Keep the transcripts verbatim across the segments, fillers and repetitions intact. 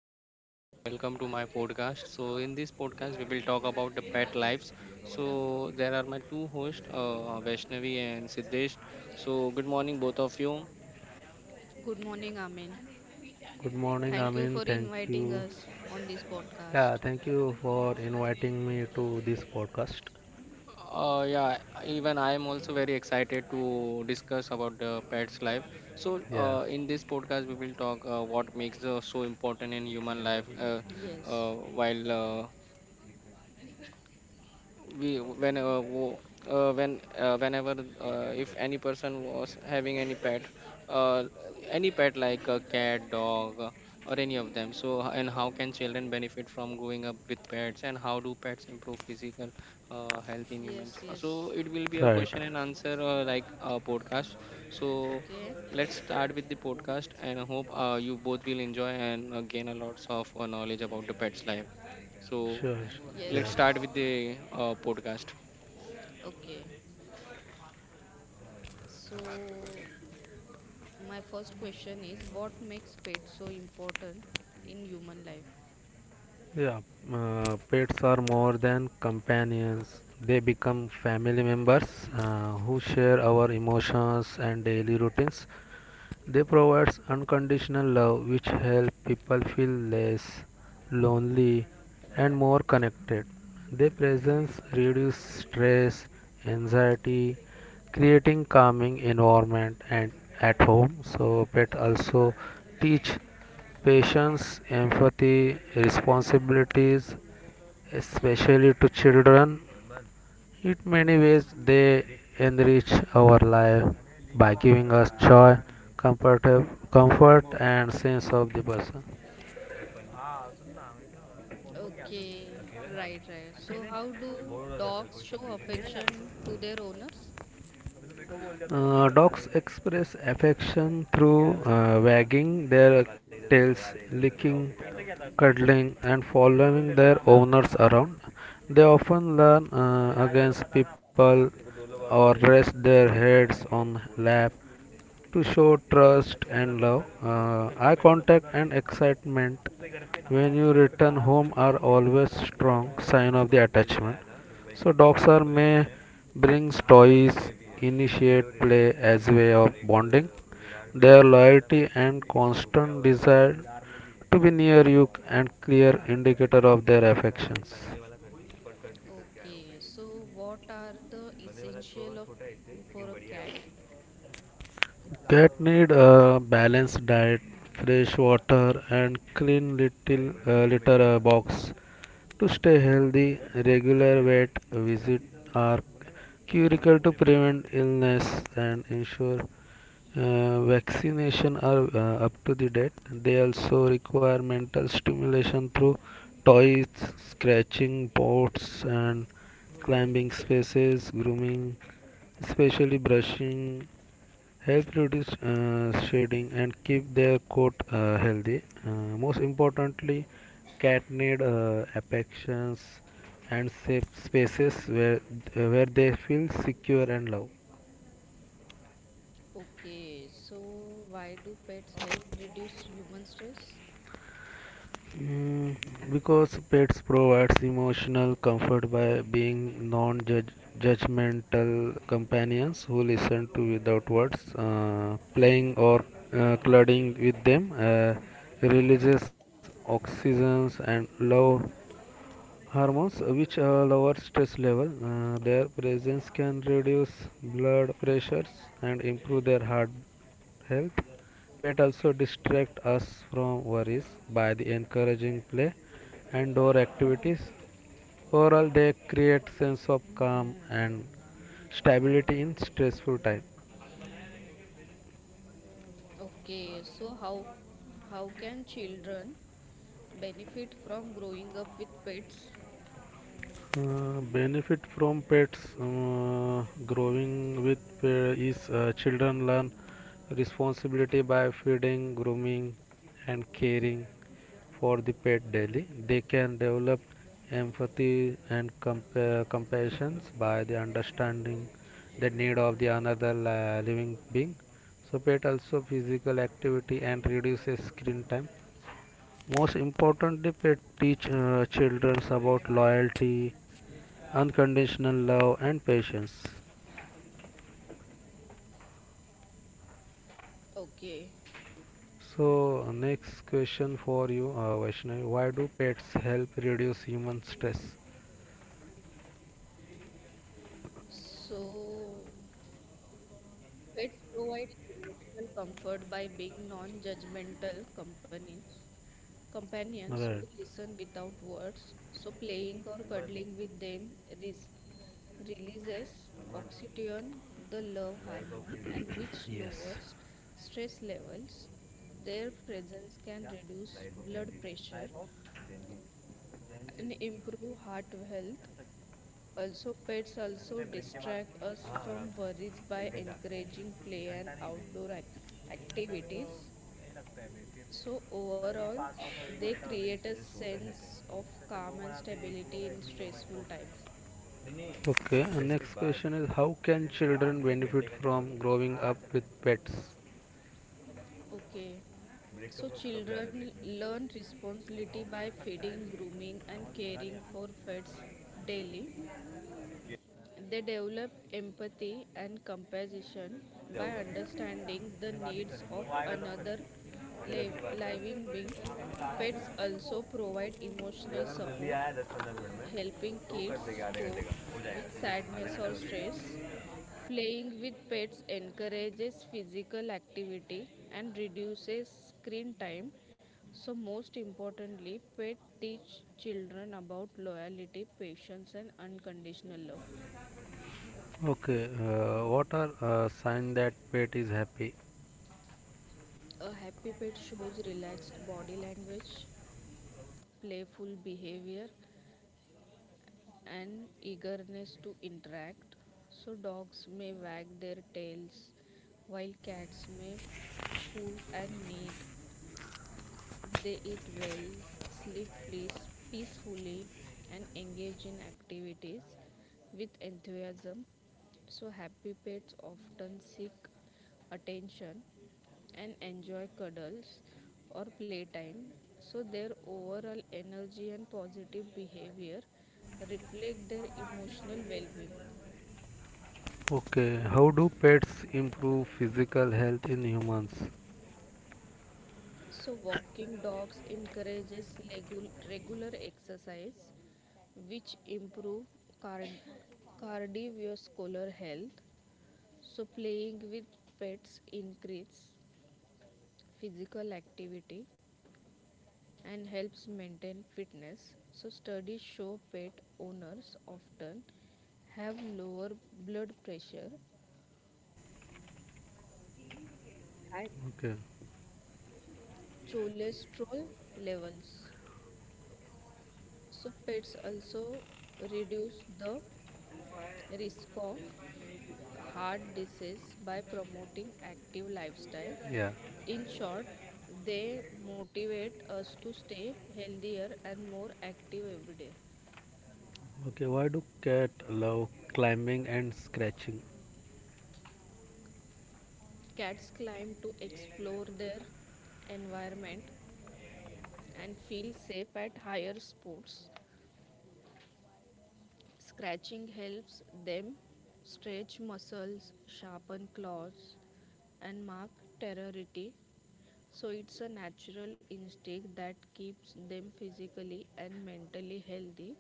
good morning, and welcome to my podcast. So, in this podcast, we will talk about the pet lives. So, there are my two hosts, uh, Vaishnavi and Siddesh. So, good morning, both of you. Good morning, Amin. Good morning, Thank you for Amin. Thank inviting you. us on this podcast. Yeah, thank you for inviting me to this podcast. Uh, yeah, Even I am also very excited to discuss about the pet's life. So, Yeah, uh, in this podcast, we will talk uh, what makes uh, so important in human life. Uh, Yes, uh, while uh, we when uh, wo- uh, when uh, Whenever uh, if any person was having any pet uh, any pet like a cat dog uh, or any of them so h- and how can children benefit from growing up with pets, and how do pets improve physical uh, health in yes, humans? Uh, so yes. it will be a right. question and answer uh, like a podcast. So Okay, let's start with the podcast, and I hope uh, you both will enjoy and uh, gain a lots of uh, knowledge about the pets life. So Sure, sure. yes, let's Yes. start yes. with the uh, podcast. Okay, so my first question is, what makes pets so important in human life? Yeah, uh, pets are more than companions. They become family members uh, who share our emotions and daily routines. They provides unconditional love which help people feel less lonely and more connected. Their presence reduce stress, anxiety, creating calming environment and at home. So pet also teach patience, empathy, responsibilities, especially to children in many ways, they enrich our life by giving us joy, comfort, comfort and sense of the person. Okay, right, right. So how do dogs show affection to their owners? Uh, dogs express affection through uh, wagging their tails, licking, cuddling, and following their owners around. They often learn uh, against people or rest their heads on lap to show trust and love. Uh, eye contact and excitement when you return home are always strong sign of the attachment. So dogs are may brings toys, initiate play as way of bonding. Their loyalty and constant desire to be near you and clear indicator of their affections. Okay, so what are the essential of caring for a cat? Cat need a balanced diet, fresh water, and clean little uh, litter uh, box to stay healthy. Regular vet visit are critical to prevent illness and ensure uh, vaccination are uh, up to the date. They also require mental stimulation through toys, scratching pots, and climbing spaces, grooming, especially brushing help reduce uh, shedding and keep their coat uh, healthy. Uh, most importantly, cat need uh, affections and safe spaces where uh, where they feel secure and loved. Okay, so why do pets help reduce human stress? Mm, because pets provides emotional comfort by being non-judgmental companions who listen to without words. Uh, playing or uh, cuddling with them uh, releases oxygens and love hormones uh, which uh, lower stress level. Uh, their presence can reduce blood pressures and improve their heart health. Pet also distract us from worries by the encouraging play and door activities. Overall, they create sense of calm and stability in stressful time. Okay, so how how can children benefit from growing up with pets? Uh, benefit from pets uh, growing with pet is uh, children learn responsibility by feeding, grooming, and caring for the pet daily. They can develop empathy and compa- compassion by the understanding the need of the another li- living being. So pet also physical activity and reduces screen time. Most importantly, pet teach uh, children about loyalty, unconditional love and patience. Okay, So uh, next question for you, uh, Vaishnavi, why do pets help reduce human stress? so pets provide emotional comfort by being non-judgmental companions companions who Right. listen without words. So playing or cuddling with them res- releases oxytocin, the love hormone, and which Yes. lowers stress levels. Their presence can reduce blood pressure and improve heart health. Also, pets also distract us from worries by encouraging play and outdoor ac- activities. So overall, they create a sense of calm and stability in stressful times. Okay, and next question is, how can children benefit from growing up with pets? Okay, so children learn responsibility by feeding, grooming, and caring for pets daily. They develop empathy and compassion by understanding the needs of another liv- living being. Pets also provide emotional support, helping kids cope with sadness or stress. Playing with pets encourages physical activity and reduces screen time. So most importantly, pets teach children about loyalty, patience, and unconditional love. Okay, uh, what are uh, signs that pet is happy? A happy pet shows relaxed body language, playful behavior, and eagerness to interact. So dogs may wag their tails while cats may who and need. They eat well, sleep please, peacefully, and engage in activities with enthusiasm. So happy pets often seek attention and enjoy cuddles or playtime. So their overall energy and positive behavior reflect their emotional well being. Okay, how do pets improve physical health in humans? So walking dogs encourages legu- regular exercise, which improve card- cardiovascular health. So playing with pets increase physical activity and helps maintain fitness. So studies show pet owners often have lower blood pressure and Okay. cholesterol levels. So pets also reduce the risk of heart disease by promoting active lifestyle. Yeah. In short, they motivate us to stay healthier and more active every day. Okay, why do cat love climbing and scratching? Cats climb to explore their environment and feel safe at higher spots. Scratching helps them stretch muscles, sharpen claws, and mark territory. So it's a natural instinct that keeps them physically and mentally healthy.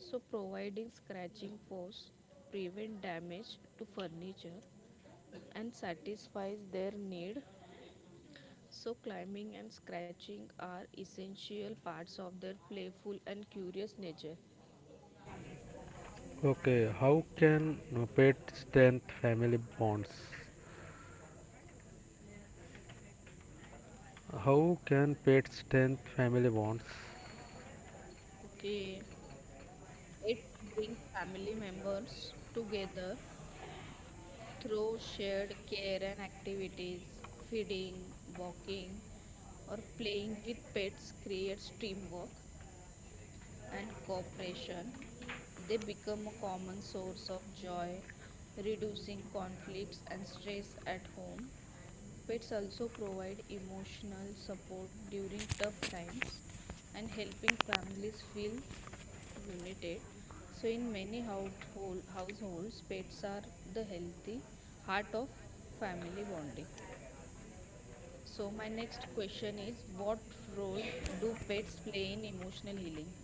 So providing scratching paws prevent damage to furniture and satisfies their need. So climbing and scratching are essential parts of their playful and curious nature. Okay, how can uh, pets strengthen family bonds? How can pets strengthen family bonds? Okay. It brings family members together through shared care and activities. Feeding, walking, or playing with pets creates teamwork and cooperation. They become a common source of joy, reducing conflicts and stress at home. Pets also provide emotional support during tough times and helping families feel united. So in many household, households, pets are the healthy heart of family bonding. So my next question is, what role do pets play in emotional healing?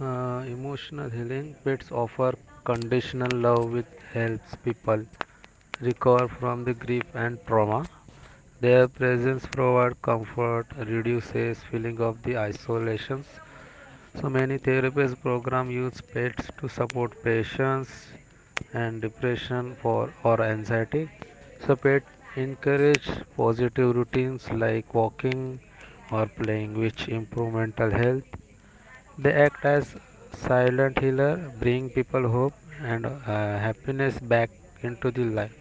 Uh, emotional healing pets offer conditional love which helps people recover from the grief and trauma. Their presence provides comfort, reduces feeling of the isolations. So many therapist program use pets to support patients and depression for or anxiety. So pet encourage positive routines like walking or playing which improve mental health. They act as silent healer, bring people hope and uh, happiness back into the life.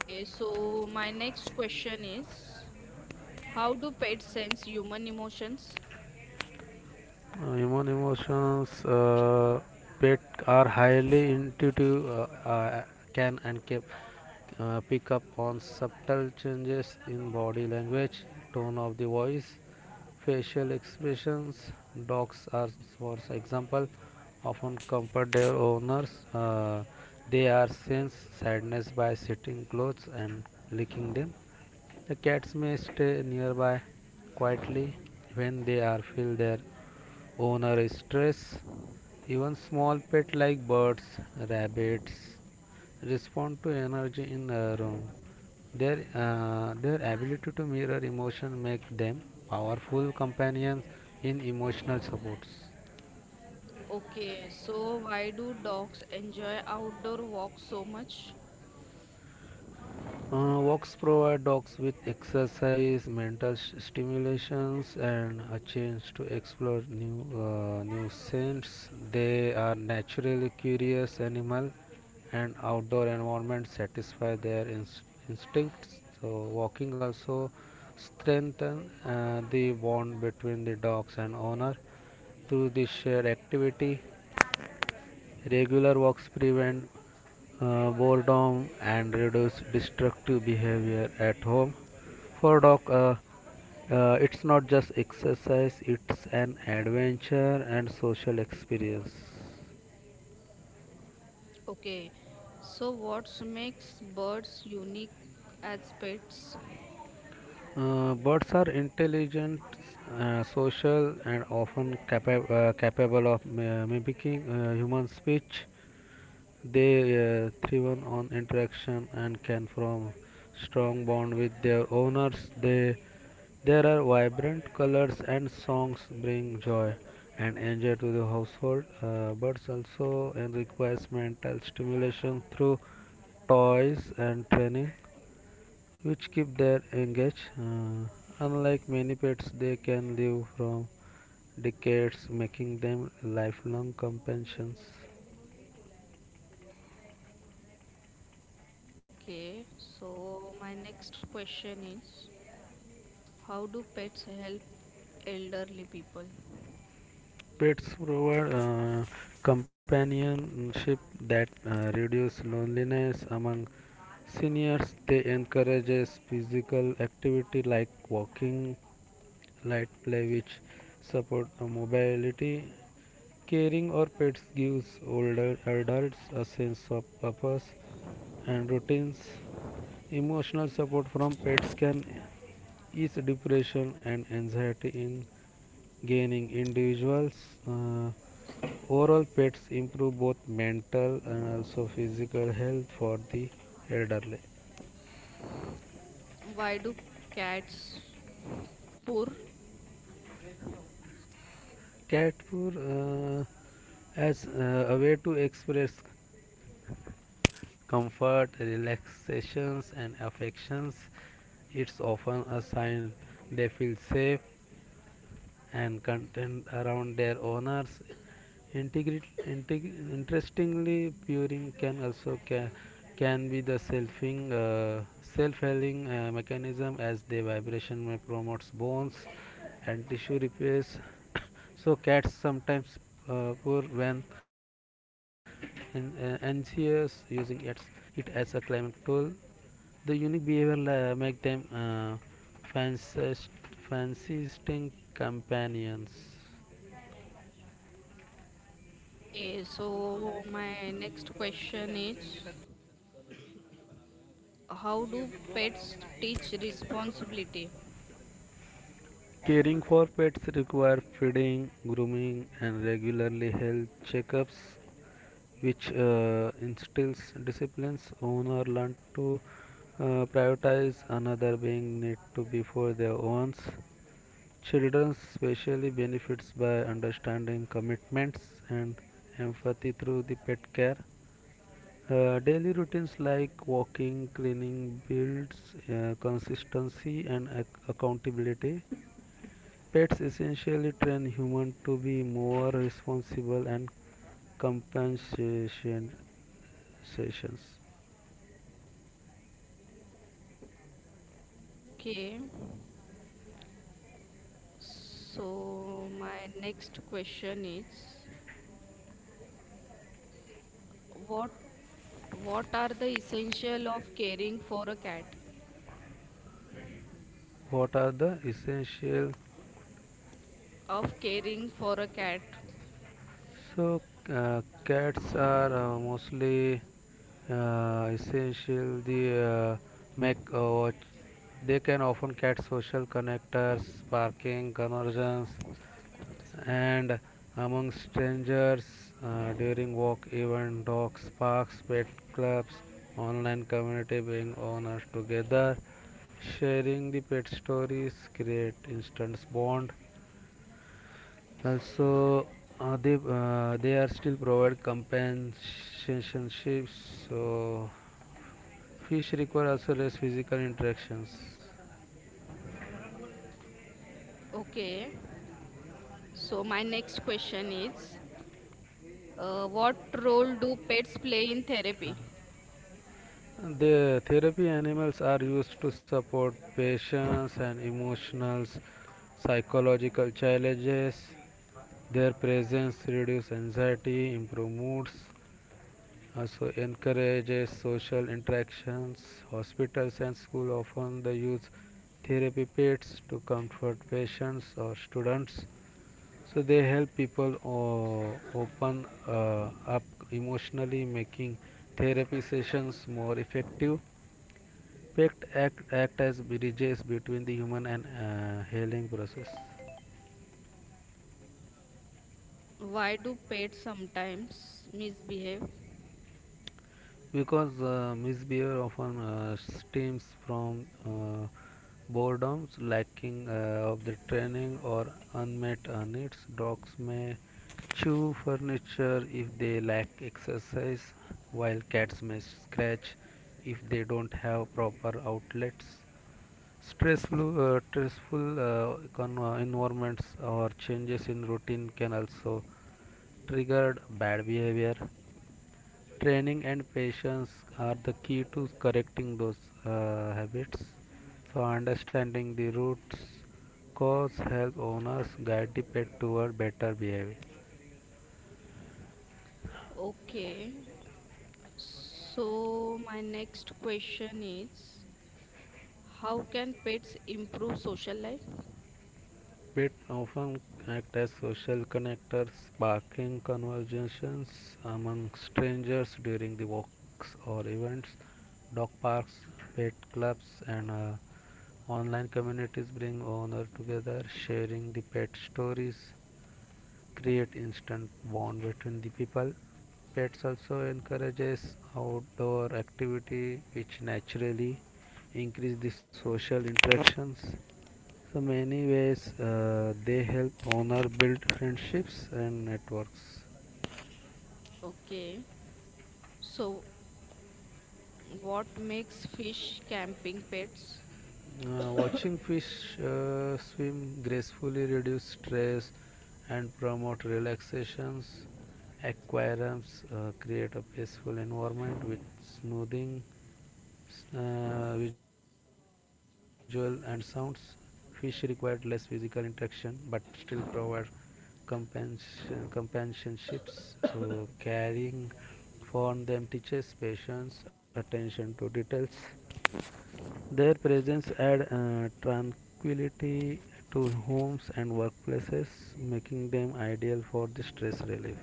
Okay, so my next question is, how do pets sense human emotions? Uh, human emotions, uh, pet are highly intuitive, uh, uh, can and can uh, pick up on subtle changes in body language, tone of the voice, facial expressions. Dogs are, for example, often comfort their owners. uh, they are sense sadness by sitting close and licking them. The cats may stay nearby quietly when they are feel their owner is stressed. Even small pets like birds, rabbits respond to energy in a room. Their uh, their ability to mirror emotion make them powerful companions in emotional supports. Okay, so why do dogs enjoy outdoor walks so much? Uh, walks provide dogs with exercise, mental s- stimulations, and a chance to explore new uh, new scents. They are naturally curious animal, and outdoor environment satisfy their inst- instincts. So walking also strengthen uh, the bond between the dogs and owner through the shared activity. Regular walks prevent uh, boredom and reduce destructive behavior at home. For dog, uh, uh, it's not just exercise; it's an adventure and social experience. Okay, so what makes birds unique as pets? Uh, birds are intelligent, uh, social, and often capa- uh, capable of mi- mimicking uh, human speech. They uh, thrive on interaction and can form strong bond with their owners. They there are vibrant colors and songs bring joy and enjoy to the household. Uh, birds also and requires mental stimulation through toys and training, which keep their engaged. Uh, unlike many pets, they can live from decades, making them lifelong companions. Okay, so my next question is, how do pets help elderly people? Pets provide uh, companionship that uh, reduces loneliness among seniors. They encourage physical activity like walking, light play, which support uh, mobility. Caring for pets gives older adults a sense of purpose and routines. Emotional support from pets can is depression and anxiety in gaining individuals. uh, Oral pets improve both mental and also physical health for the elderly. Why do cats purr? Cat food uh, as uh, a way to express comfort, relaxations and affections, it's often a sign they feel safe and content around their owners. Integri- integ- interestingly, purring can also ca- can be the selfing, uh, self-healing uh, mechanism as the vibration may promotes bones and tissue repairs. So cats sometimes uh, purr when in, uh, anxious, using its, it as a climate tool. The unique behavior la- make them uh, fancies- companions. Okay, so my next question is, how do pets teach responsibility? Caring for pets require feeding, grooming, and regularly health checkups, which uh, instills disciplines. Owner learn to uh, prioritize another being need to before their own. Children especially benefits by understanding commitments and empathy through the pet care. Uh, daily routines like walking, cleaning builds uh, consistency and ac- accountability. Pets essentially train humans to be more responsible and compensation sessions. Okay, so my next question is, what what are the essential of caring for a cat? What are the essential? Of caring for a cat. So uh, cats are uh, mostly uh, essential. The uh, make uh, watch. They can often cat social connectors, sparking conversions, and among strangers uh, during walk, even dogs parks, pet clubs, online community bring owners together, sharing the pet stories create instant bond. Also uh, they uh, they are still provide companionships, so fish require also less physical interactions. Okay. So my next question is, uh, what role do pets play in therapy? The therapy animals are used to support patients and emotional psychological challenges. Their presence reduces anxiety, improves, moods, also encourages social interactions. Hospitals and schools often they use therapy pets to comfort patients or students. So they help people uh, open uh, up emotionally, making therapy sessions more effective. Pet act, act as bridges between the human and uh, healing process. Why do pets sometimes misbehave? Because uh, misbehavior often uh, stems from uh, boredom, lacking uh, of the training, or unmet uh, needs. Dogs may chew furniture if they lack exercise, while cats may scratch if they don't have proper outlets. Stressful, uh, stressful uh, con- uh, environments or changes in routine can also trigger bad behavior. Training and patience are the key to correcting those uh, habits. So, understanding the roots cause help owners guide the pet toward better behavior. Okay. So my next question is, how can pets improve social life? Bits often act as social connectors, sparking conversations among strangers during the walks or events. Dog parks, pet clubs, and uh, online communities bring owners together, sharing the pet stories, create instant bond between the people. Pets also encourages outdoor activity which naturally increase the social interactions. So many ways uh, they help owner build friendships and networks. Okay. So what makes fish camping pets? Uh, watching fish uh, swim gracefully reduce stress and promote relaxations. Aquariums uh, create a peaceful environment with soothing uh, visual and sounds. Fish required less physical interaction but still provide compensation companionships. So caring for them teaches patience, attention to details. Their presence adds uh, tranquility to homes and workplaces, making them ideal for the stress relief.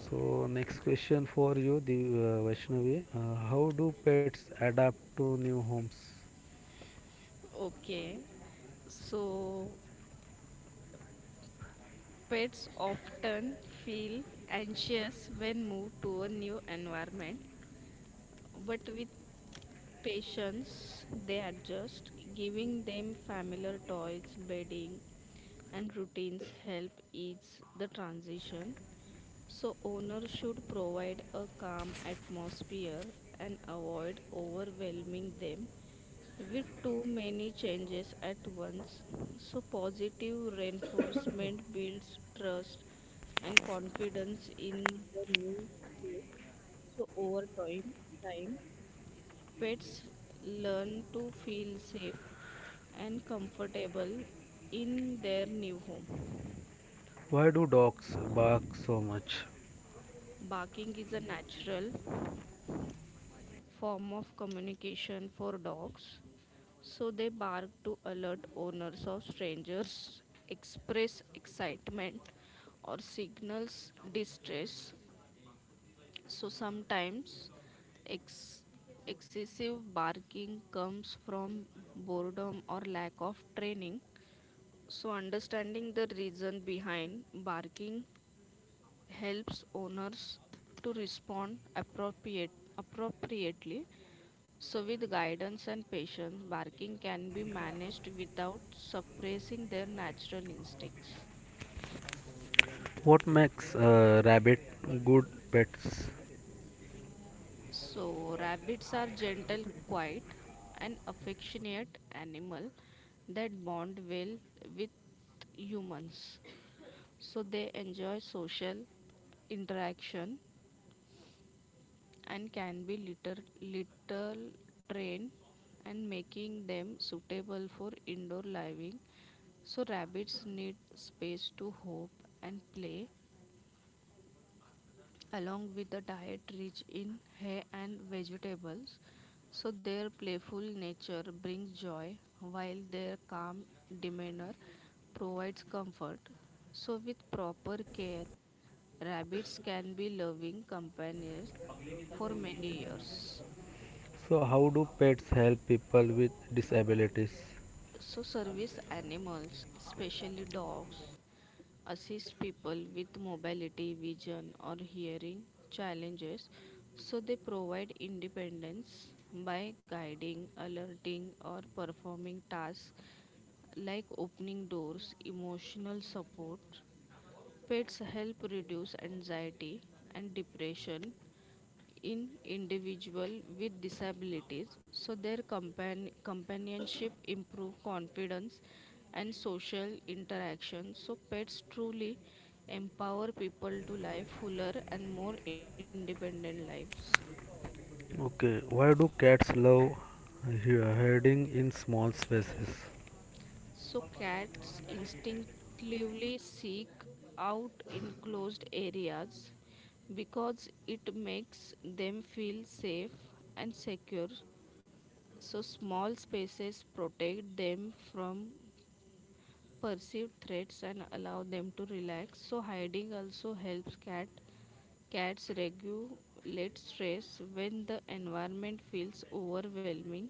So, next question for you, the uh, Vaishnavi. Uh, how do pets adapt to new homes? Okay. So pets often feel anxious when moved to a new environment, but with patience, they adjust. Giving them familiar toys, bedding, and routines help ease the transition. So owner should provide a calm atmosphere and avoid overwhelming them with too many changes at once. So positive reinforcement builds trust and confidence in the new space. So over time, time pets learn to feel safe and comfortable in their new home. Why do dogs bark so much? Barking is a natural form of communication for dogs. So they bark to alert owners of strangers, express excitement, or signals distress. So sometimes ex- excessive barking comes from boredom or lack of training. So understanding the reason behind barking helps owners to respond appropriate, appropriately. So with guidance and patience, barking can be managed without suppressing their natural instincts. What makes uh, rabbit good pets? So rabbits are gentle, quiet, and affectionate animal that bond well with humans. So they enjoy social interaction and can be little little trained and making them suitable for indoor living. So rabbits need space to hop and play, along with a diet rich in hay and vegetables. So their playful nature brings joy while their calm demeanor provides comfort. So with proper care, rabbits can be loving companions for many years. So, how do pets help people with disabilities? So service animals, especially dogs, assist people with mobility, vision, or hearing challenges. So they provide independence by guiding, alerting, or performing tasks like opening doors. Emotional support pets help reduce anxiety and depression in individual with disabilities. So their compan- companionship improve confidence and social interaction. So pets truly empower people to live fuller and more independent lives. Okay, why do cats love he- herding in small spaces? So cats instinctively seek out enclosed areas because it makes them feel safe and secure. So small spaces protect them from perceived threats and allow them to relax. So hiding also helps cat cats regulate stress when the environment feels overwhelming.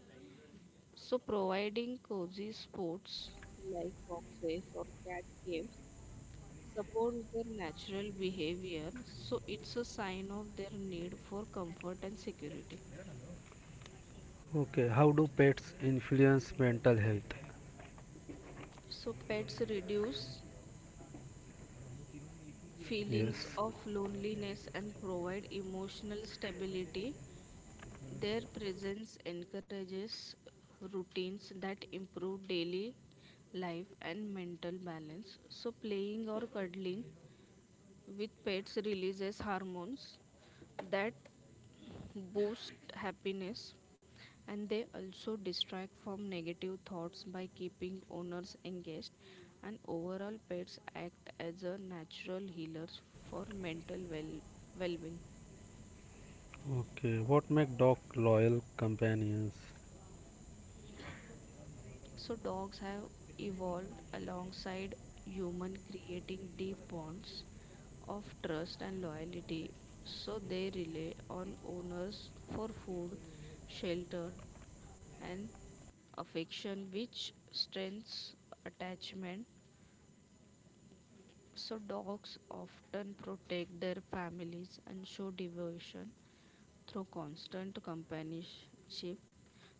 So providing cozy spots like boxes or cat caves supports their natural behavior. So it's a sign of their need for comfort and security. Okay, how do pets influence mental health? So pets reduce feelings Yes. of loneliness and provide emotional stability. Their presence encourages routines that improve daily life and mental balance. So playing or cuddling with pets releases hormones that boost happiness, and they also distract from negative thoughts by keeping owners engaged. And overall, pets act as a natural healers for mental well- well-being. Okay, what make dog loyal companions? So dogs have evolved alongside human, creating deep bonds of trust and loyalty. So they rely on owners for food, shelter, and affection, which strengthens attachment. So dogs often protect their families and show devotion through constant companionship.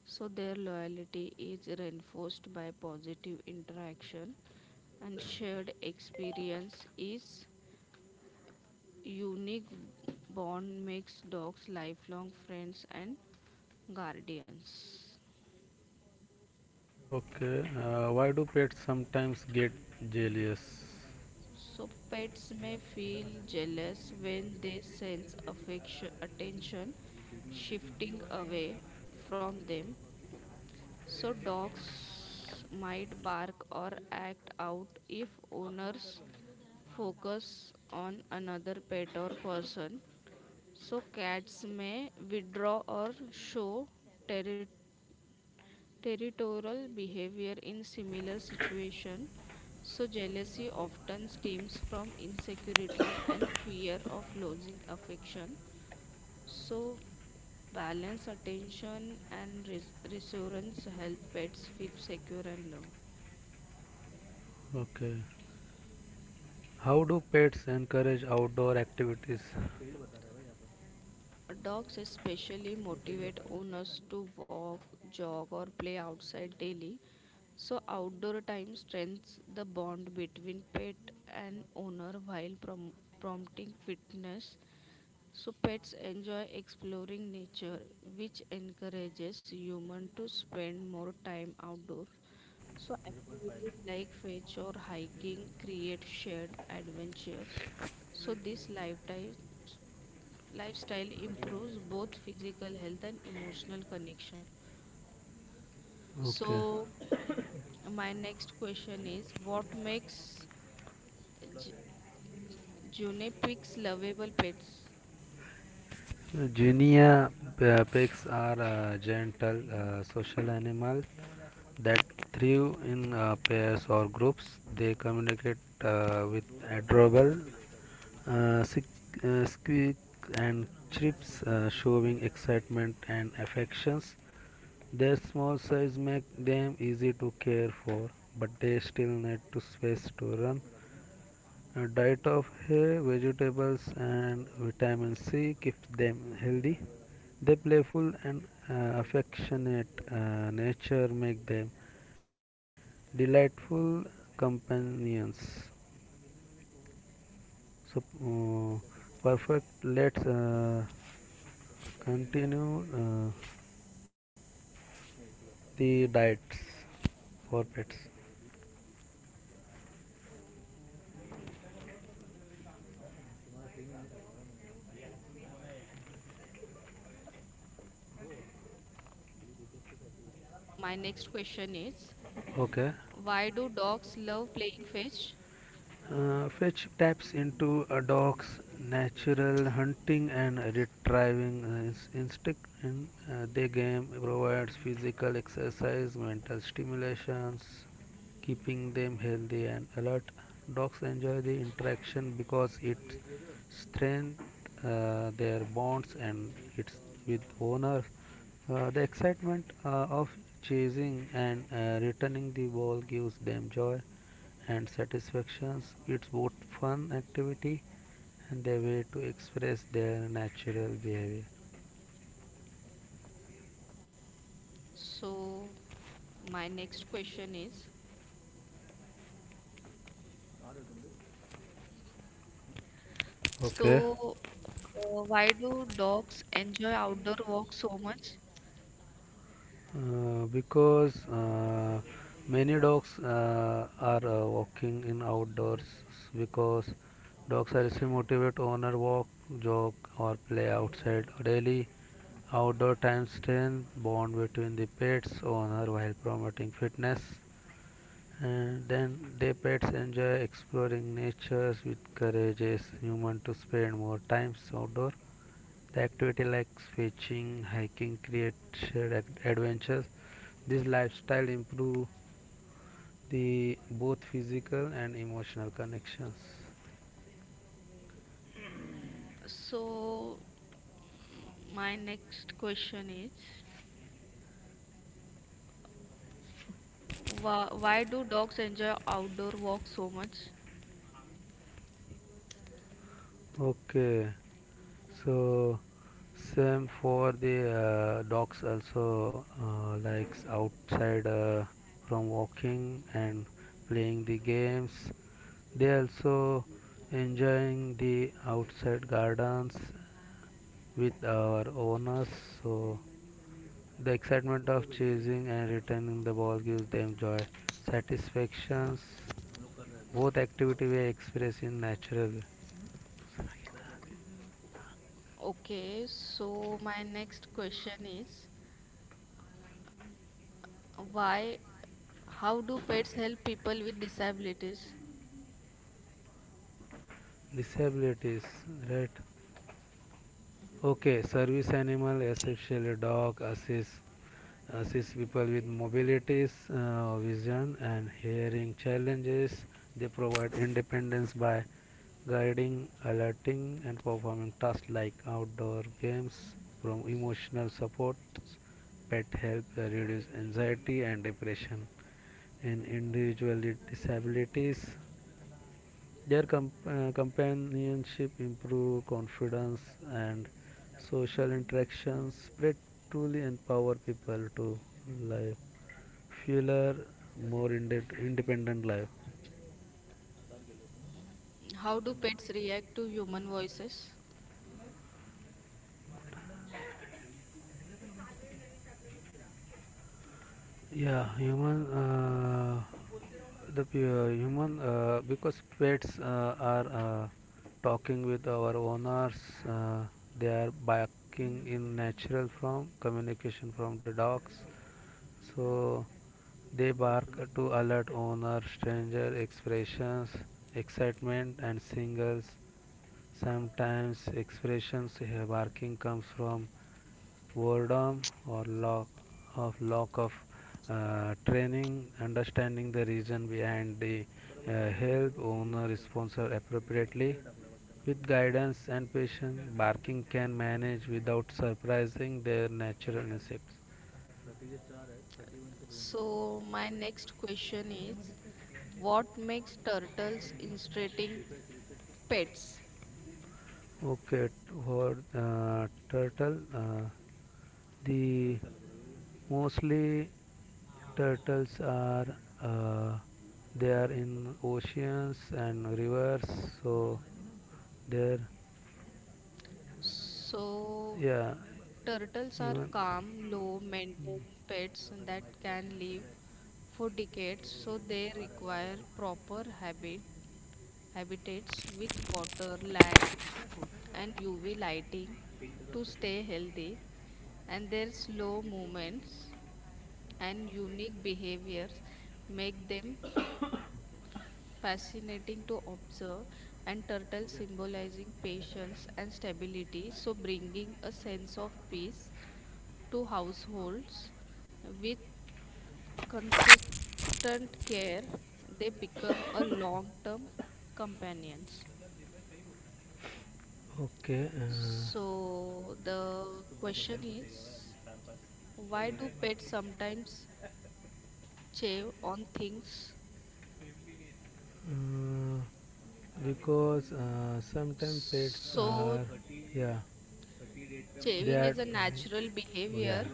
So their loyalty is reinforced by positive interaction, and shared experience is unique. Bond makes dogs lifelong friends and guardians. Okay, uh, why do pets sometimes get jealous? So pets may feel jealous when they sense affection attention shifting away from them. So dogs might bark or act out if owners focus on another pet or person. So cats may withdraw or show terri- territorial behavior in similar situation. So jealousy often stems from insecurity and fear of losing affection. So balance attention and res- reassurance help pets feel secure and loved. Okay, how do pets encourage outdoor activities? Dogs especially motivate owners to walk, jog, or play outside daily. So outdoor time strengthens the bond between pet and owner while prom- prompting fitness. So pets enjoy exploring nature, which encourages humans to spend more time outdoors. So activities like fetch or hiking create shared adventures. So this lifestyle. Lifestyle improves both physical health and emotional connection. Okay, So my next question is, what makes J- Junipigs lovable pets? Ginia uh, pigs are uh, gentle uh, social animal that thrive in uh, pairs or groups. They communicate uh, with adorable uh, uh, squeak and chirps, uh, showing excitement and affections. Their small size make them easy to care for, but they still need to space to run. Uh, diet of hay, vegetables and vitamin C keeps them healthy. Their playful and uh, affectionate uh, nature make them delightful companions. So uh, perfect. Let's uh, continue uh, the diets for pets. So my next question is, Okay. why do dogs love playing fetch? Uh, fetch taps into a dog's natural hunting and retrieving uh, instinct. In uh, the game provides physical exercise, mental stimulations, keeping them healthy and alert. Dogs enjoy the interaction because it strengthen uh, their bonds and it's with owners. Uh, the excitement uh, of chasing and uh, returning the ball gives them joy and satisfactions. It's both fun activity and their way to express their natural behavior. So my next question is, Okay. so uh, why do dogs enjoy outdoor walks so much? Uh, because uh, many dogs uh, are uh, walking in outdoors because dogs are still motivate owner walk, jog or play outside daily. Outdoor time strength bond between the pets owner while promoting fitness. And then the pets enjoy exploring nature, which encourages human to spend more time outdoor. The activity like fishing, hiking create shared adventures. This lifestyle improve the both physical and emotional connections. So my next question is, Why, why do dogs enjoy outdoor walks so much? Okay, so same for the uh, dogs also uh, likes outside uh, from walking and playing the games. They also enjoying the outside gardens with our owners. So the excitement of chasing and returning the ball gives them joy, satisfactions. Both activities were expressed in natural Okay, so my next question is, why, how do pets help people with disabilities? disabilities, right? Okay, service animal, especially dog, assist assist people with mobilities, uh, vision, and hearing challenges. They provide independence by guiding, alerting, and performing tasks like outdoor games. From emotional support, pet help uh, reduce anxiety and depression in individual disabilities. Their comp- uh, companionship improve confidence and social interactions spread truly empower people to live fuller more inde- independent life. How do pets react to human voices? Yeah human uh, the p- uh, human uh, because pets uh, are uh, talking with our owners, uh, they are barking in natural from communication from the dogs, so they bark to alert owner stranger expressions excitement and singles. Sometimes expressions uh, barking comes from boredom or lack of lack of uh, training, understanding the reason behind the uh, help owner sponsor appropriately. With guidance and patience, barking can manage without surprising their natural instincts. So my next question is, what makes turtles interesting pets? Okay, for uh, turtle, uh, the mostly turtles are, uh, they are in oceans and rivers, so they're, So yeah, turtles are even calm, low maintenance pets that can live for decades. So they require proper habit habitats with water, light, and U V lighting to stay healthy, and their slow movements and unique behaviors make them fascinating to observe. And turtle symbolizing patience and stability, so bringing a sense of peace to households. With consistent care, they become a long term companions. okay. uh, So the question is, why do pets sometimes chew on things? uh, because uh, sometimes pets So are, yeah, they chewing are, is a natural yeah, behavior,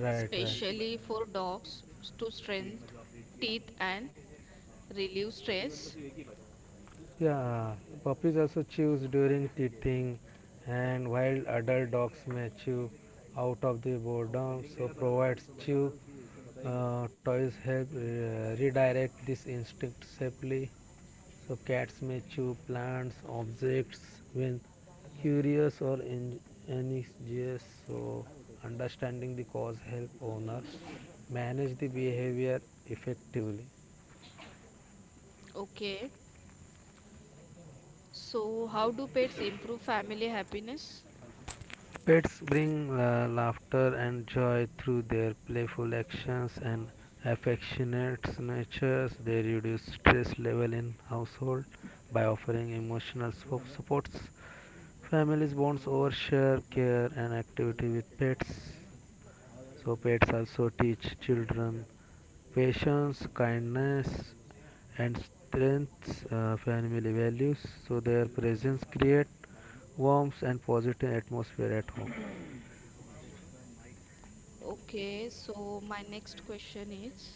right, right. especially for dogs, to strengthen teeth and relieve stress. Yeah, puppies also chews during teething, and while adult dogs may chew out of the boredom, so provides chew uh, toys help uh, redirect this instinct safely. So cats may chew plants, objects when curious or en- anxious. So understanding the cause help owner manage the behavior effectively. Okay. So how do pets improve family happiness? Pets bring la- laughter and joy through their playful actions and affectionate natures. They reduce stress level in household by offering emotional so- supports. Families bonds over share, care, and activity with pets. So pets also teach children patience, kindness, and strengths uh, family values. So their presence create warmth and positive atmosphere at home. Okay. So my next question is,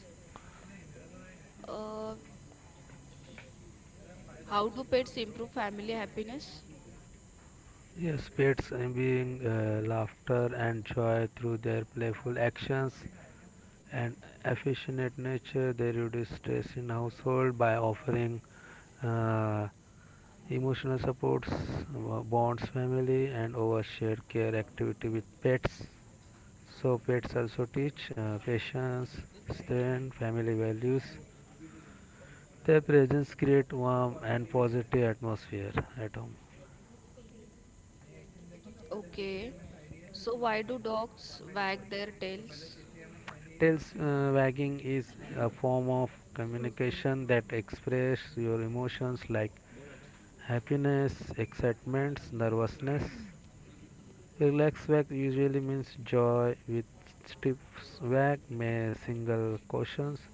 uh, how do pets improve family happiness? Yes, pets imbibing uh, laughter and joy through their playful actions and affectionate nature. They reduce stress in household by offering uh, emotional supports, uh, bonds, family, and over shared care activity with pets. So pets also teach uh, patience, strength, family values. Their presence create warm and positive atmosphere at home. Okay. So why do dogs wag their tails? Tails uh, wagging is a form of communication that expresses your emotions like happiness, excitement, nervousness. Relaxed wag usually means joy, with stiff wag may signal cautions.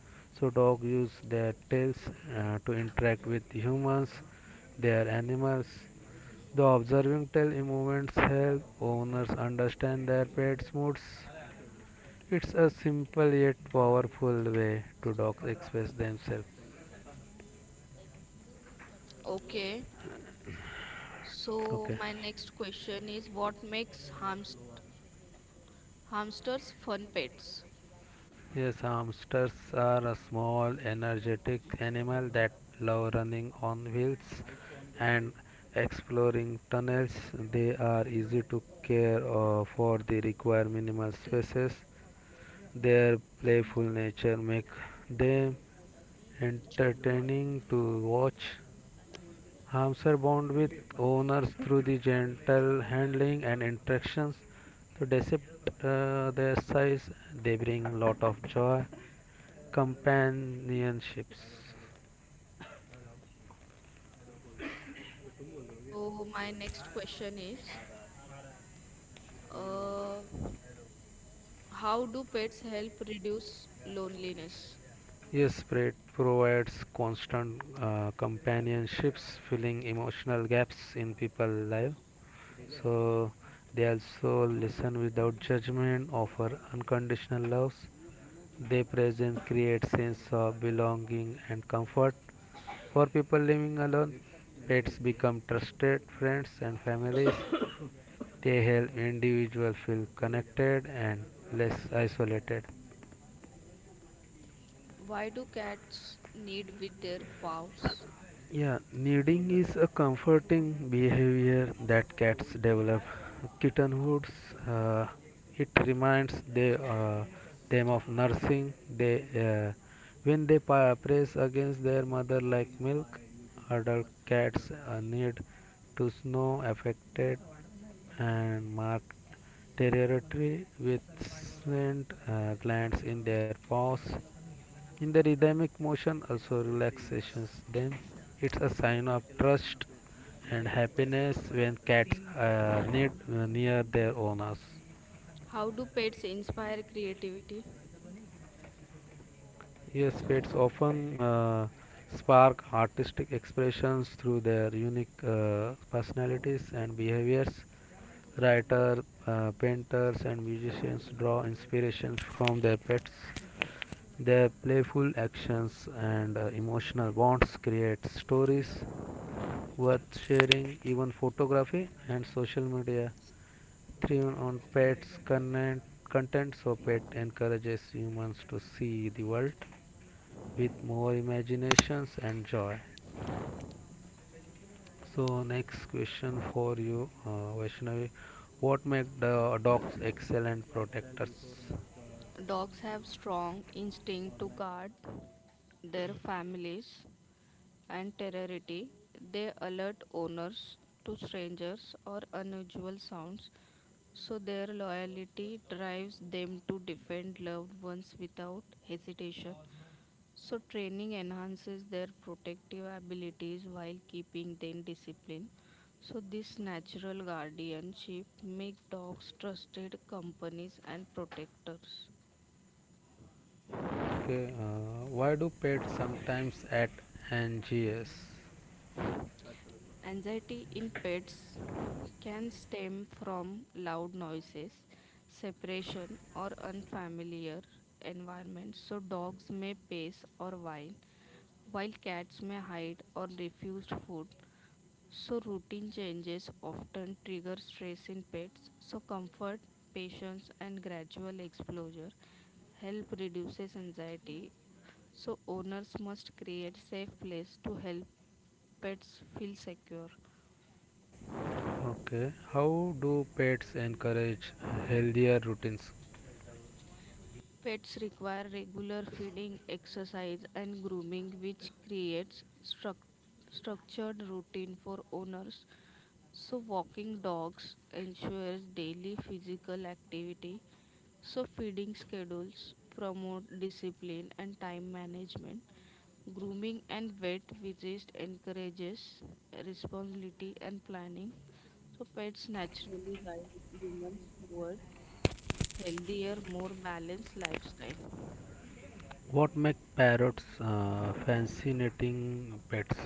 So dogs use their tails uh, to interact with humans, they are animals. The observing tail movements help owners understand their pet's moods. It's a simple yet powerful way to dogs express themselves. Okay. So Okay. my next question is, what makes hamst hamsters fun pets? Yes, hamsters are a small, energetic animal that love running on wheels and exploring tunnels. They are easy to care uh, for. They require minimal तेरा। spaces. Their playful nature makes them entertaining to watch. Hamsters bond with owners through the gentle handling and interactions to dissect uh, their size. They bring lot of joy, companionships. So my next question is, uh, how do pets help reduce loneliness? Yes, Pratt provides constant uh, companionships, filling emotional gaps in people's life. So they also listen without judgment, offer unconditional loves. They present create sense of belonging and comfort. For people living alone, pets become trusted friends and families. They help individuals feel connected and less isolated. Why do cats need with their paws? Yeah, kneading is a comforting behavior that cats develop. Kittenhoods, uh, it reminds they, uh, them of nursing. They, uh, when they pa- press against their mother like milk, adult cats uh, need to snow affected and mark territory with scent uh, glands in their paws. In the rhythmic motion, also relaxations them. It's a sign of trust and happiness when cats are near, near their owners. How do pets inspire creativity? Yes, pets often uh, spark artistic expressions through their unique uh, personalities and behaviors. Writers, uh, painters, and musicians draw inspiration from their pets. Their playful actions and uh, emotional bonds create stories worth sharing. Even photography and social media thrive on pets' content, content so pet encourages humans to see the world with more imaginations and joy. So next question for you, uh, Vaishnavi. What make the dogs excellent protectors? Dogs have strong instinct to guard their families and temerity. They alert owners to strangers or unusual sounds, so their loyalty drives them to defend loved ones without hesitation. So training enhances their protective abilities while keeping them disciplined. So this natural guardianship make dogs trusted companies and protectors. Okay, uh, why do pets sometimes act anxious? Anxiety in pets can stem from loud noises, separation, or unfamiliar environments. So dogs may pace or whine, while cats may hide or refuse food. So routine changes often trigger stress in pets. So comfort, patience, and gradual exposure help reduces anxiety. So owners must create safe place to help pets feel secure. Okay, how do pets encourage healthier routines? Pets require regular feeding, exercise, and grooming, which creates struc- structured routine for owners. So walking dogs ensures daily physical activity. So, feeding schedules promote discipline and time management. Grooming and vet visits encourages responsibility and planning. So, pets naturally guide humans toward healthier, more balanced lifestyle. What make parrots uh, fascinating pets?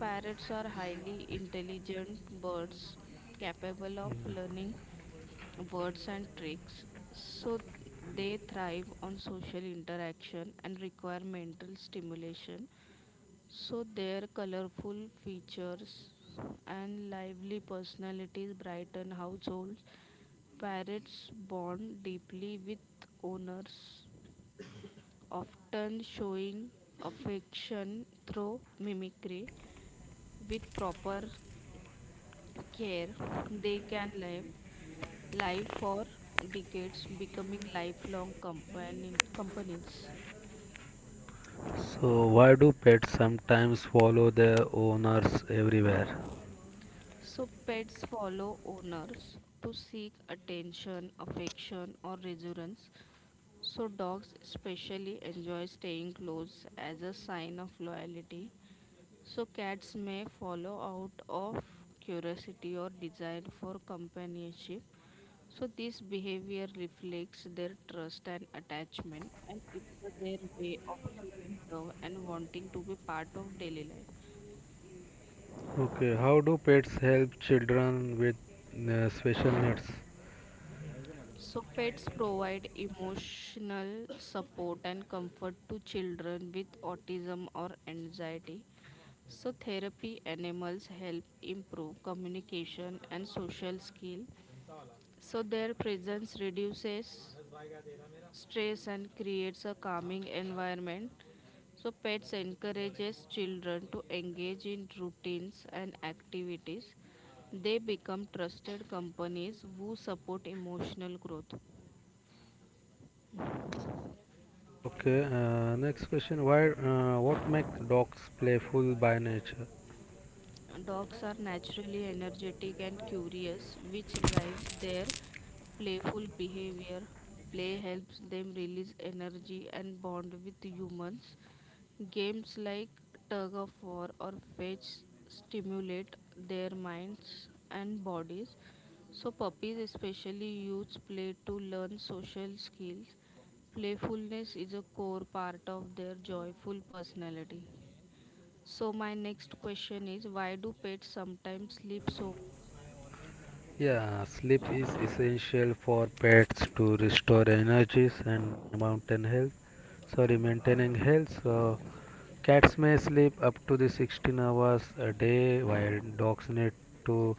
Parrots are highly intelligent birds capable of learning words and tricks, so they thrive on social interaction and require mental stimulation. So their colorful features and lively personalities brighten households. Parrots bond deeply with owners, often showing affection through mimicry with proper care, they can live live for decades, becoming lifelong companion, companions. So why do pets sometimes follow their owners everywhere? So pets follow owners to seek attention, affection, or reassurance. So dogs especially enjoy staying close as a sign of loyalty. So cats may follow out of curiosity or desire for companionship. So this behavior reflects their trust and attachment, and it's uh, their way of showing love and wanting to be part of daily life. Okay, how do pets help children with uh, special needs? So pets provide emotional support and comfort to children with autism or anxiety. So therapy animals help improve communication and social skill. So their presence reduces stress and creates a calming environment. So pets encourages children to engage in routines and activities. They become trusted companies who support emotional growth. Okay, uh, next question. Why? Uh, what make dogs playful by nature? Dogs are naturally energetic and curious, which drives their playful behavior. Play helps them release energy and bond with humans. Games like tug of war or fetch stimulate their minds and bodies. So puppies especially use play to learn social skills. Playfulness is a core part of their joyful personality. So my next question is, why do pets sometimes sleep so? Yeah, sleep is essential for pets to restore energies and maintain health. Sorry, maintaining health. So cats may sleep up to the sixteen hours a day, while dogs need to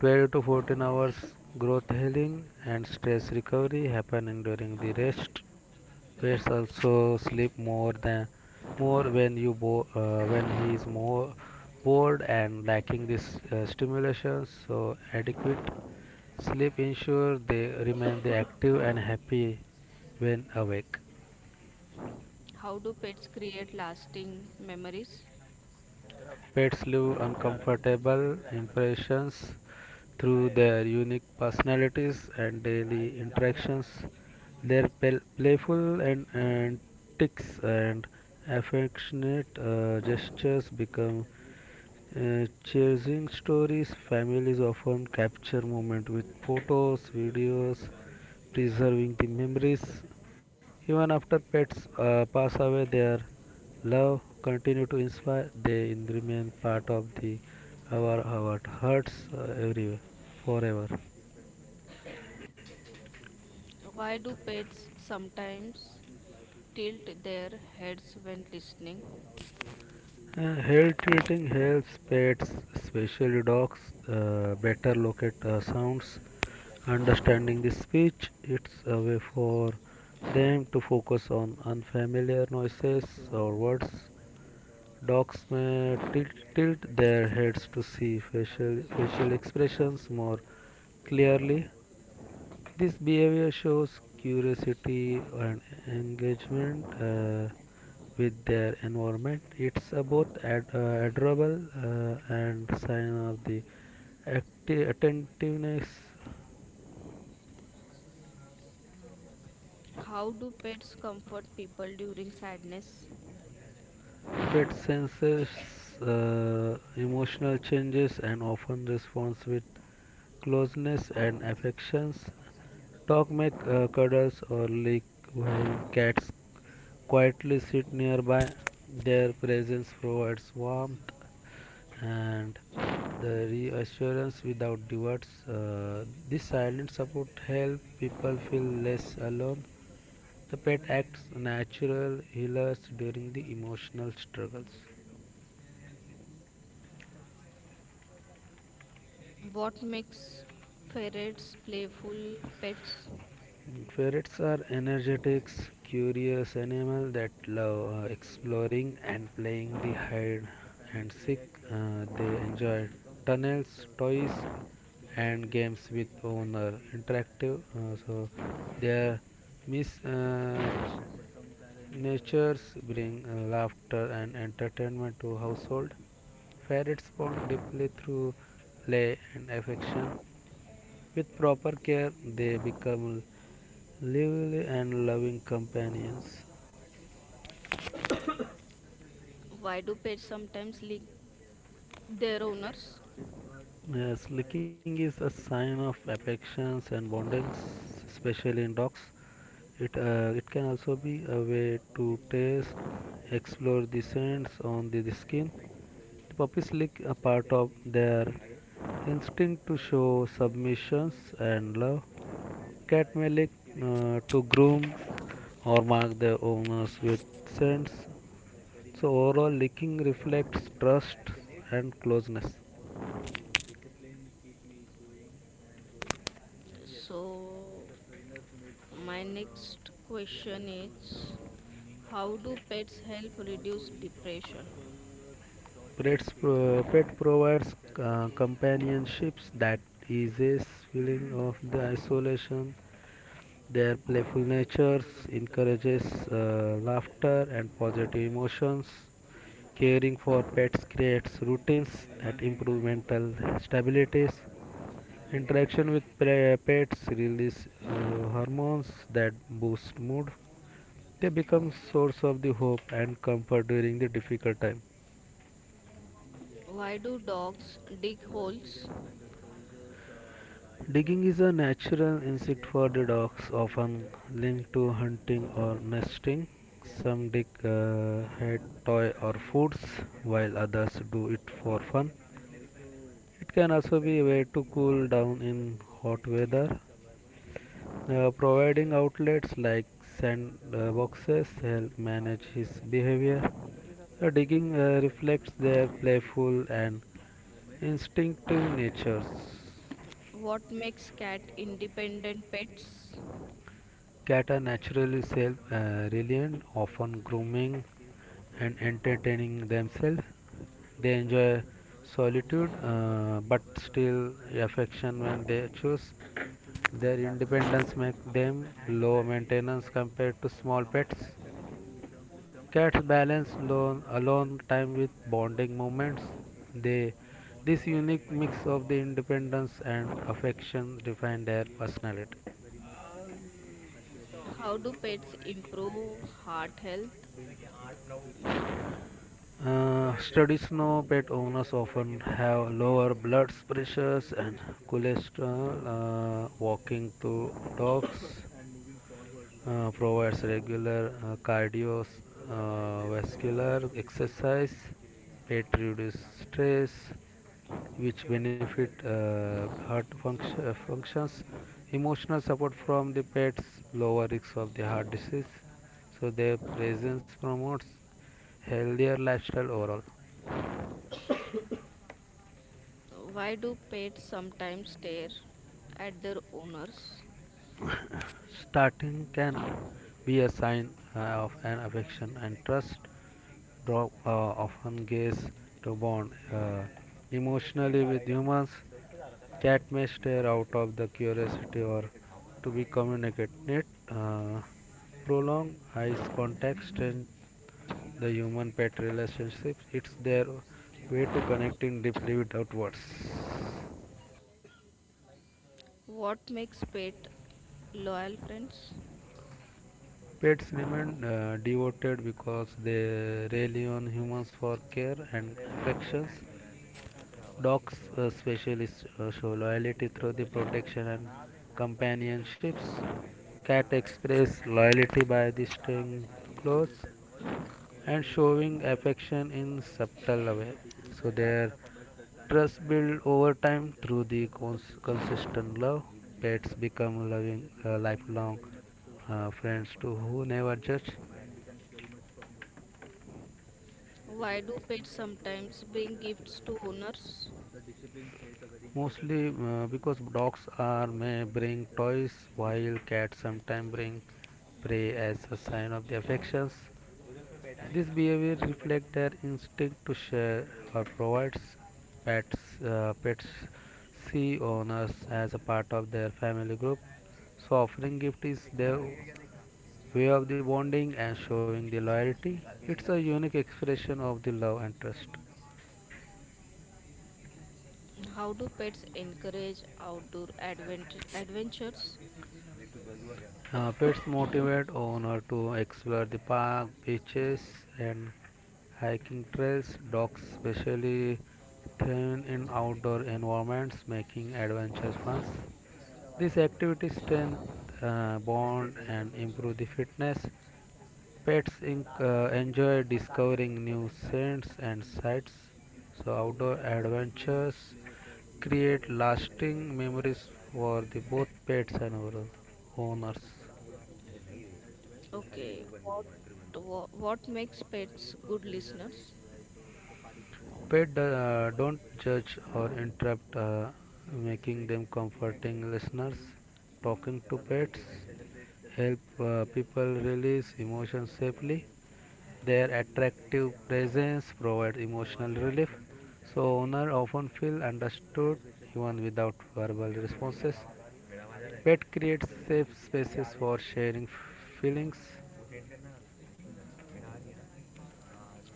twelve to fourteen hours. Growth healing and stress recovery happening during the rest. Pets also sleep more than more when you bo- uh, when he is more bored and lacking this uh, stimulation. So adequate sleep ensure they remain the active and happy when awake. How do pets create lasting memories? Pets leave uncomfortable impressions through their unique personalities and daily interactions. Their pel- playful and antics and affectionate uh, gestures become uh, chasing stories. Families often capture moments with photos, videos, preserving the memories. Even after pets uh, pass away, their love continue to inspire. They remain part of the our our hearts uh, everywhere, forever. Why do pets sometimes tilt their heads when listening? Uh, Hair treating helps pets, especially dogs, uh, better locate uh, sounds. Understanding the speech, it's a way for them to focus on unfamiliar noises or words. Dogs may tilt, tilt their heads to see facial, facial expressions more clearly. This behavior shows curiosity and engagement uh, with their environment. It's a both ad- uh, adorable uh, and sign of the acti- attentiveness. How do pets comfort people during sadness? Pet senses uh, emotional changes and often responds with closeness and affections. Dogs make uh, cuddles or lick while cats quietly sit nearby. Their presence provides warmth and the reassurance without words. Uh, this silent support helps people feel less alone. The pet acts natural healers during the emotional struggles. What makes ferrets playful pets? And Ferrets are energetic, curious animals that love uh, exploring and playing the hide and seek. Uh, they enjoy tunnels, toys, and games with owner. Interactive, uh, so their misnatures bring uh, laughter and entertainment to household. Ferrets bond deeply through play and affection. With proper care, they become lively and loving companions. Why do pets sometimes lick their owners? Yes, licking is a sign of affections and bondings, especially in dogs. It uh, it can also be a way to taste, explore the scents on the, the skin. The puppies lick a part of their instinct to show submissions and love. Cat may lick uh, to groom or mark their owners with scents. So overall, licking reflects trust and closeness. So, my next question is, how do pets help reduce depression? Pets, pro- pet provides uh, companionships that eases feeling of the isolation. Their playful natures encourages uh, laughter and positive emotions. Caring for pets creates routines that improve mental stabilities. Interaction with pre- pets release uh, hormones that boost mood. They become source of the hope and comfort during the difficult time. Why do dogs dig holes? Digging is a natural instinct for the dogs, often linked to hunting or nesting. Some dig uh, head toy or foods, while others do it for fun. It can also be a way to cool down in hot weather. Uh, providing outlets like sandboxes help manage his behavior. Uh, digging uh, reflects their playful and instinctive natures. What makes cat independent pets? Cats are naturally self-reliant, often grooming and entertaining themselves. They enjoy solitude, uh, but still affection when they choose. Their independence makes them low maintenance compared to small pets. Cats balance lone, alone time with bonding moments. They, this unique mix of the independence and affection define their personality. How do pets improve heart health? Uh, studies know pet owners often have lower blood pressures and cholesterol. Uh, walking to dogs uh, provides regular uh, cardiovascular uh, exercise. It reduces stress, which benefit uh, heart function, uh, functions. Emotional support from the pets lower risk of the heart disease. So their presence promotes healthier lifestyle overall. So why do pets sometimes stare at their owners? Starting can be a sign uh, of an affection and trust drop, uh, often gaze to bond uh, emotionally with humans. Cat may stare out of the curiosity or to be communicated. Uh, Prolonged eyes contact strength the human pet relationships. It's their way to connecting deeply without words. What makes pet loyal friends? Pets remain uh, devoted because they rely on humans for care and affections. Dogs, uh, especially, s- uh, show loyalty through the protection and companionships. Cats express loyalty by the staying close and showing affection in subtle way. So their trust build over time through the cons- consistent love. Pets become loving uh, lifelong uh, friends to who never judge. Why do pets sometimes bring gifts to owners? Mostly uh, because dogs are may bring toys while cats sometimes bring prey as a sign of their affections. This behavior reflects their instinct to share or provides pets uh, pets see owners as a part of their family group. So offering gift is their way of the bonding and showing the loyalty. It's a unique expression of the love and trust. How do pets encourage outdoor advent- adventures? Uh, pets motivate owner to explore the park, beaches, and hiking trails. Dogs especially thrive in outdoor environments, making adventures fun. These activities strengthen uh, bond and improve the fitness. Pets inc. Uh, enjoy discovering new scents and sights. So, outdoor adventures create lasting memories for the both pets and our owners. Okay, what, what what makes pets good listeners? Pet uh, don't judge or interrupt, uh, making them comforting listeners. Talking to pets help uh, people release emotions safely. Their attractive presence provides emotional relief, so owners often feel understood even without verbal responses. Pet creates safe spaces for sharing feelings.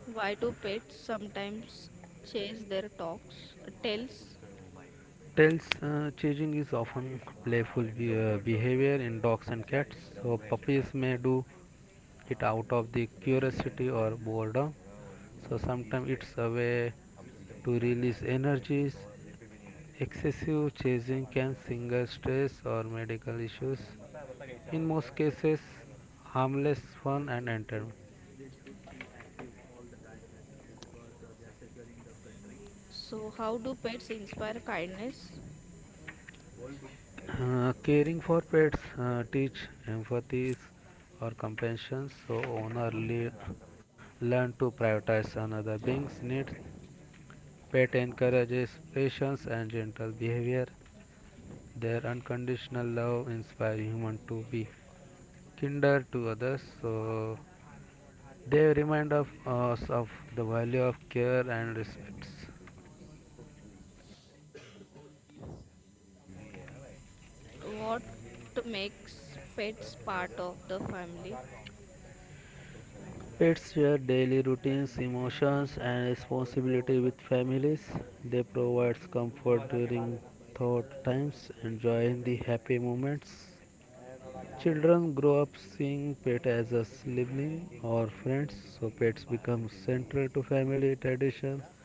Why do pets sometimes chase their talks tails? Tails uh, chasing is often playful be- uh, behavior in dogs and cats, so puppies may do it out of the curiosity or boredom. So sometimes it's a way to release energies. Excessive chasing can signal stress or medical issues. In most cases, harmless fun and entertainment. So how do pets inspire kindness? Uh, caring for pets uh, teach empathy or compassion, so owner le- learn to prioritize another being's needs. Pet encourages patience and gentle behavior. Their unconditional love inspires humans to be kinder to others. So they remind of us of the value of care and respect. What makes pets part of the family? Pets share daily routines, emotions, and responsibility with families. They provide comfort during thought times and joy in the happy moments. Children grow up seeing pet as a sibling or friends, so pets become central to family traditions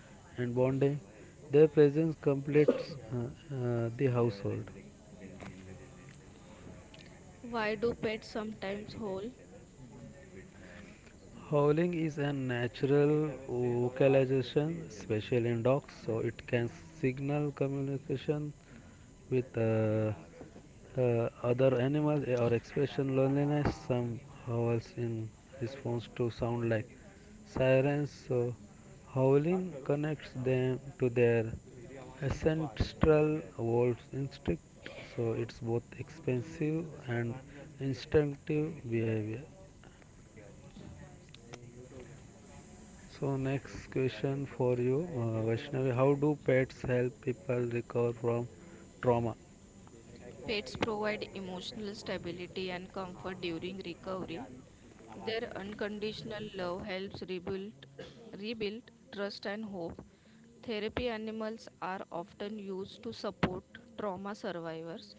and bonding. Their presence completes uh, uh, the household. Why do pets sometimes whole? Howling is a natural vocalization, especially in dogs, so it can signal communication with uh, uh, other animals or expression loneliness. Some howls in response to sound like sirens, so howling connects them to their ancestral wolf instinct, so it's both expensive and instinctive behavior. So next question for you, uh, Vaishnavi, how do pets help people recover from trauma? Pets provide emotional stability and comfort during recovery. Their unconditional love helps rebuild, rebuild trust and hope. Therapy animals are often used to support trauma survivors.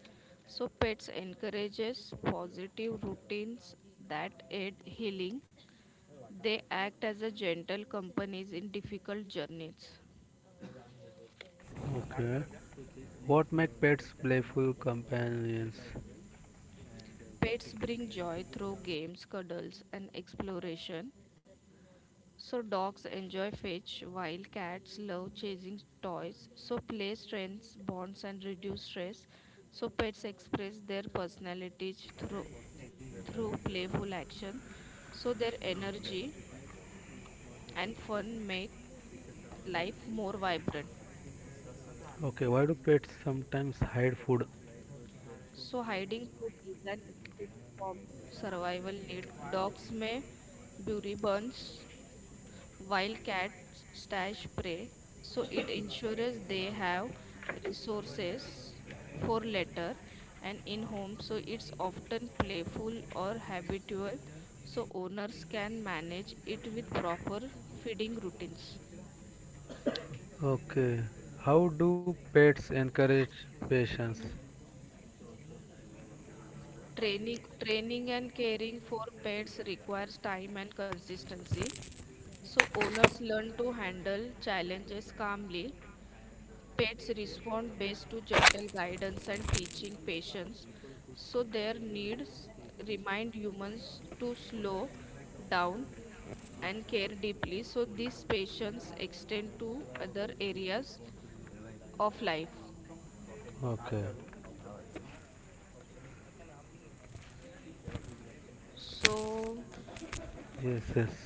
So pets encourages positive routines that aid healing. They act as a gentle companies in difficult journeys. Okay. What make pets playful companions? Pets bring joy through games, cuddles, and exploration. So dogs enjoy fetch while cats love chasing toys. So play strengthens bonds and reduce stress. So pets express their personalities through through playful action. So their energy and fun make life more vibrant. Okay, why do pets sometimes hide food? So, hiding food is an instinct from survival need. Dogs may bury bones while cats stash prey, so it ensures they have resources for later and in home. So, it's often playful or habitual, so owners can manage it with proper feeding routines. Okay. How do pets encourage patience? Training, training and caring for pets requires time and consistency. So owners learn to handle challenges calmly. Pets respond best to gentle guidance and teaching patience. So their needs remind humans to slow down and care deeply. So this patience extend to other areas of life. Okay. So Yes, yes.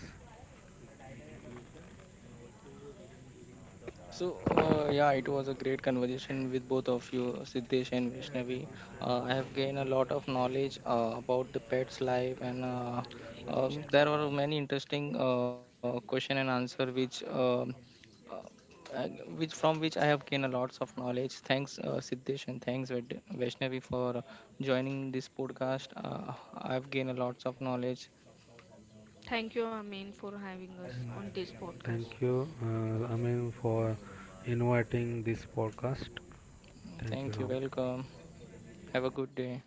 So, uh, yeah, it was a great conversation with both of you, Siddesh and Vaishnavi. Uh, I have gained a lot of knowledge uh, about the pet's life, and uh, um, there were many interesting uh, question and answer which um, uh, uh, which from which I have gained a lots of knowledge. Thanks, uh, Siddesh, and thanks Vaid- Vaishnavi for joining this podcast. Uh, I have gained a lots of knowledge. thank you Amin for having us on this podcast. Thank you, uh, Amin, for inviting this podcast. Thank you Thank so you. much. Welcome. Have a good day.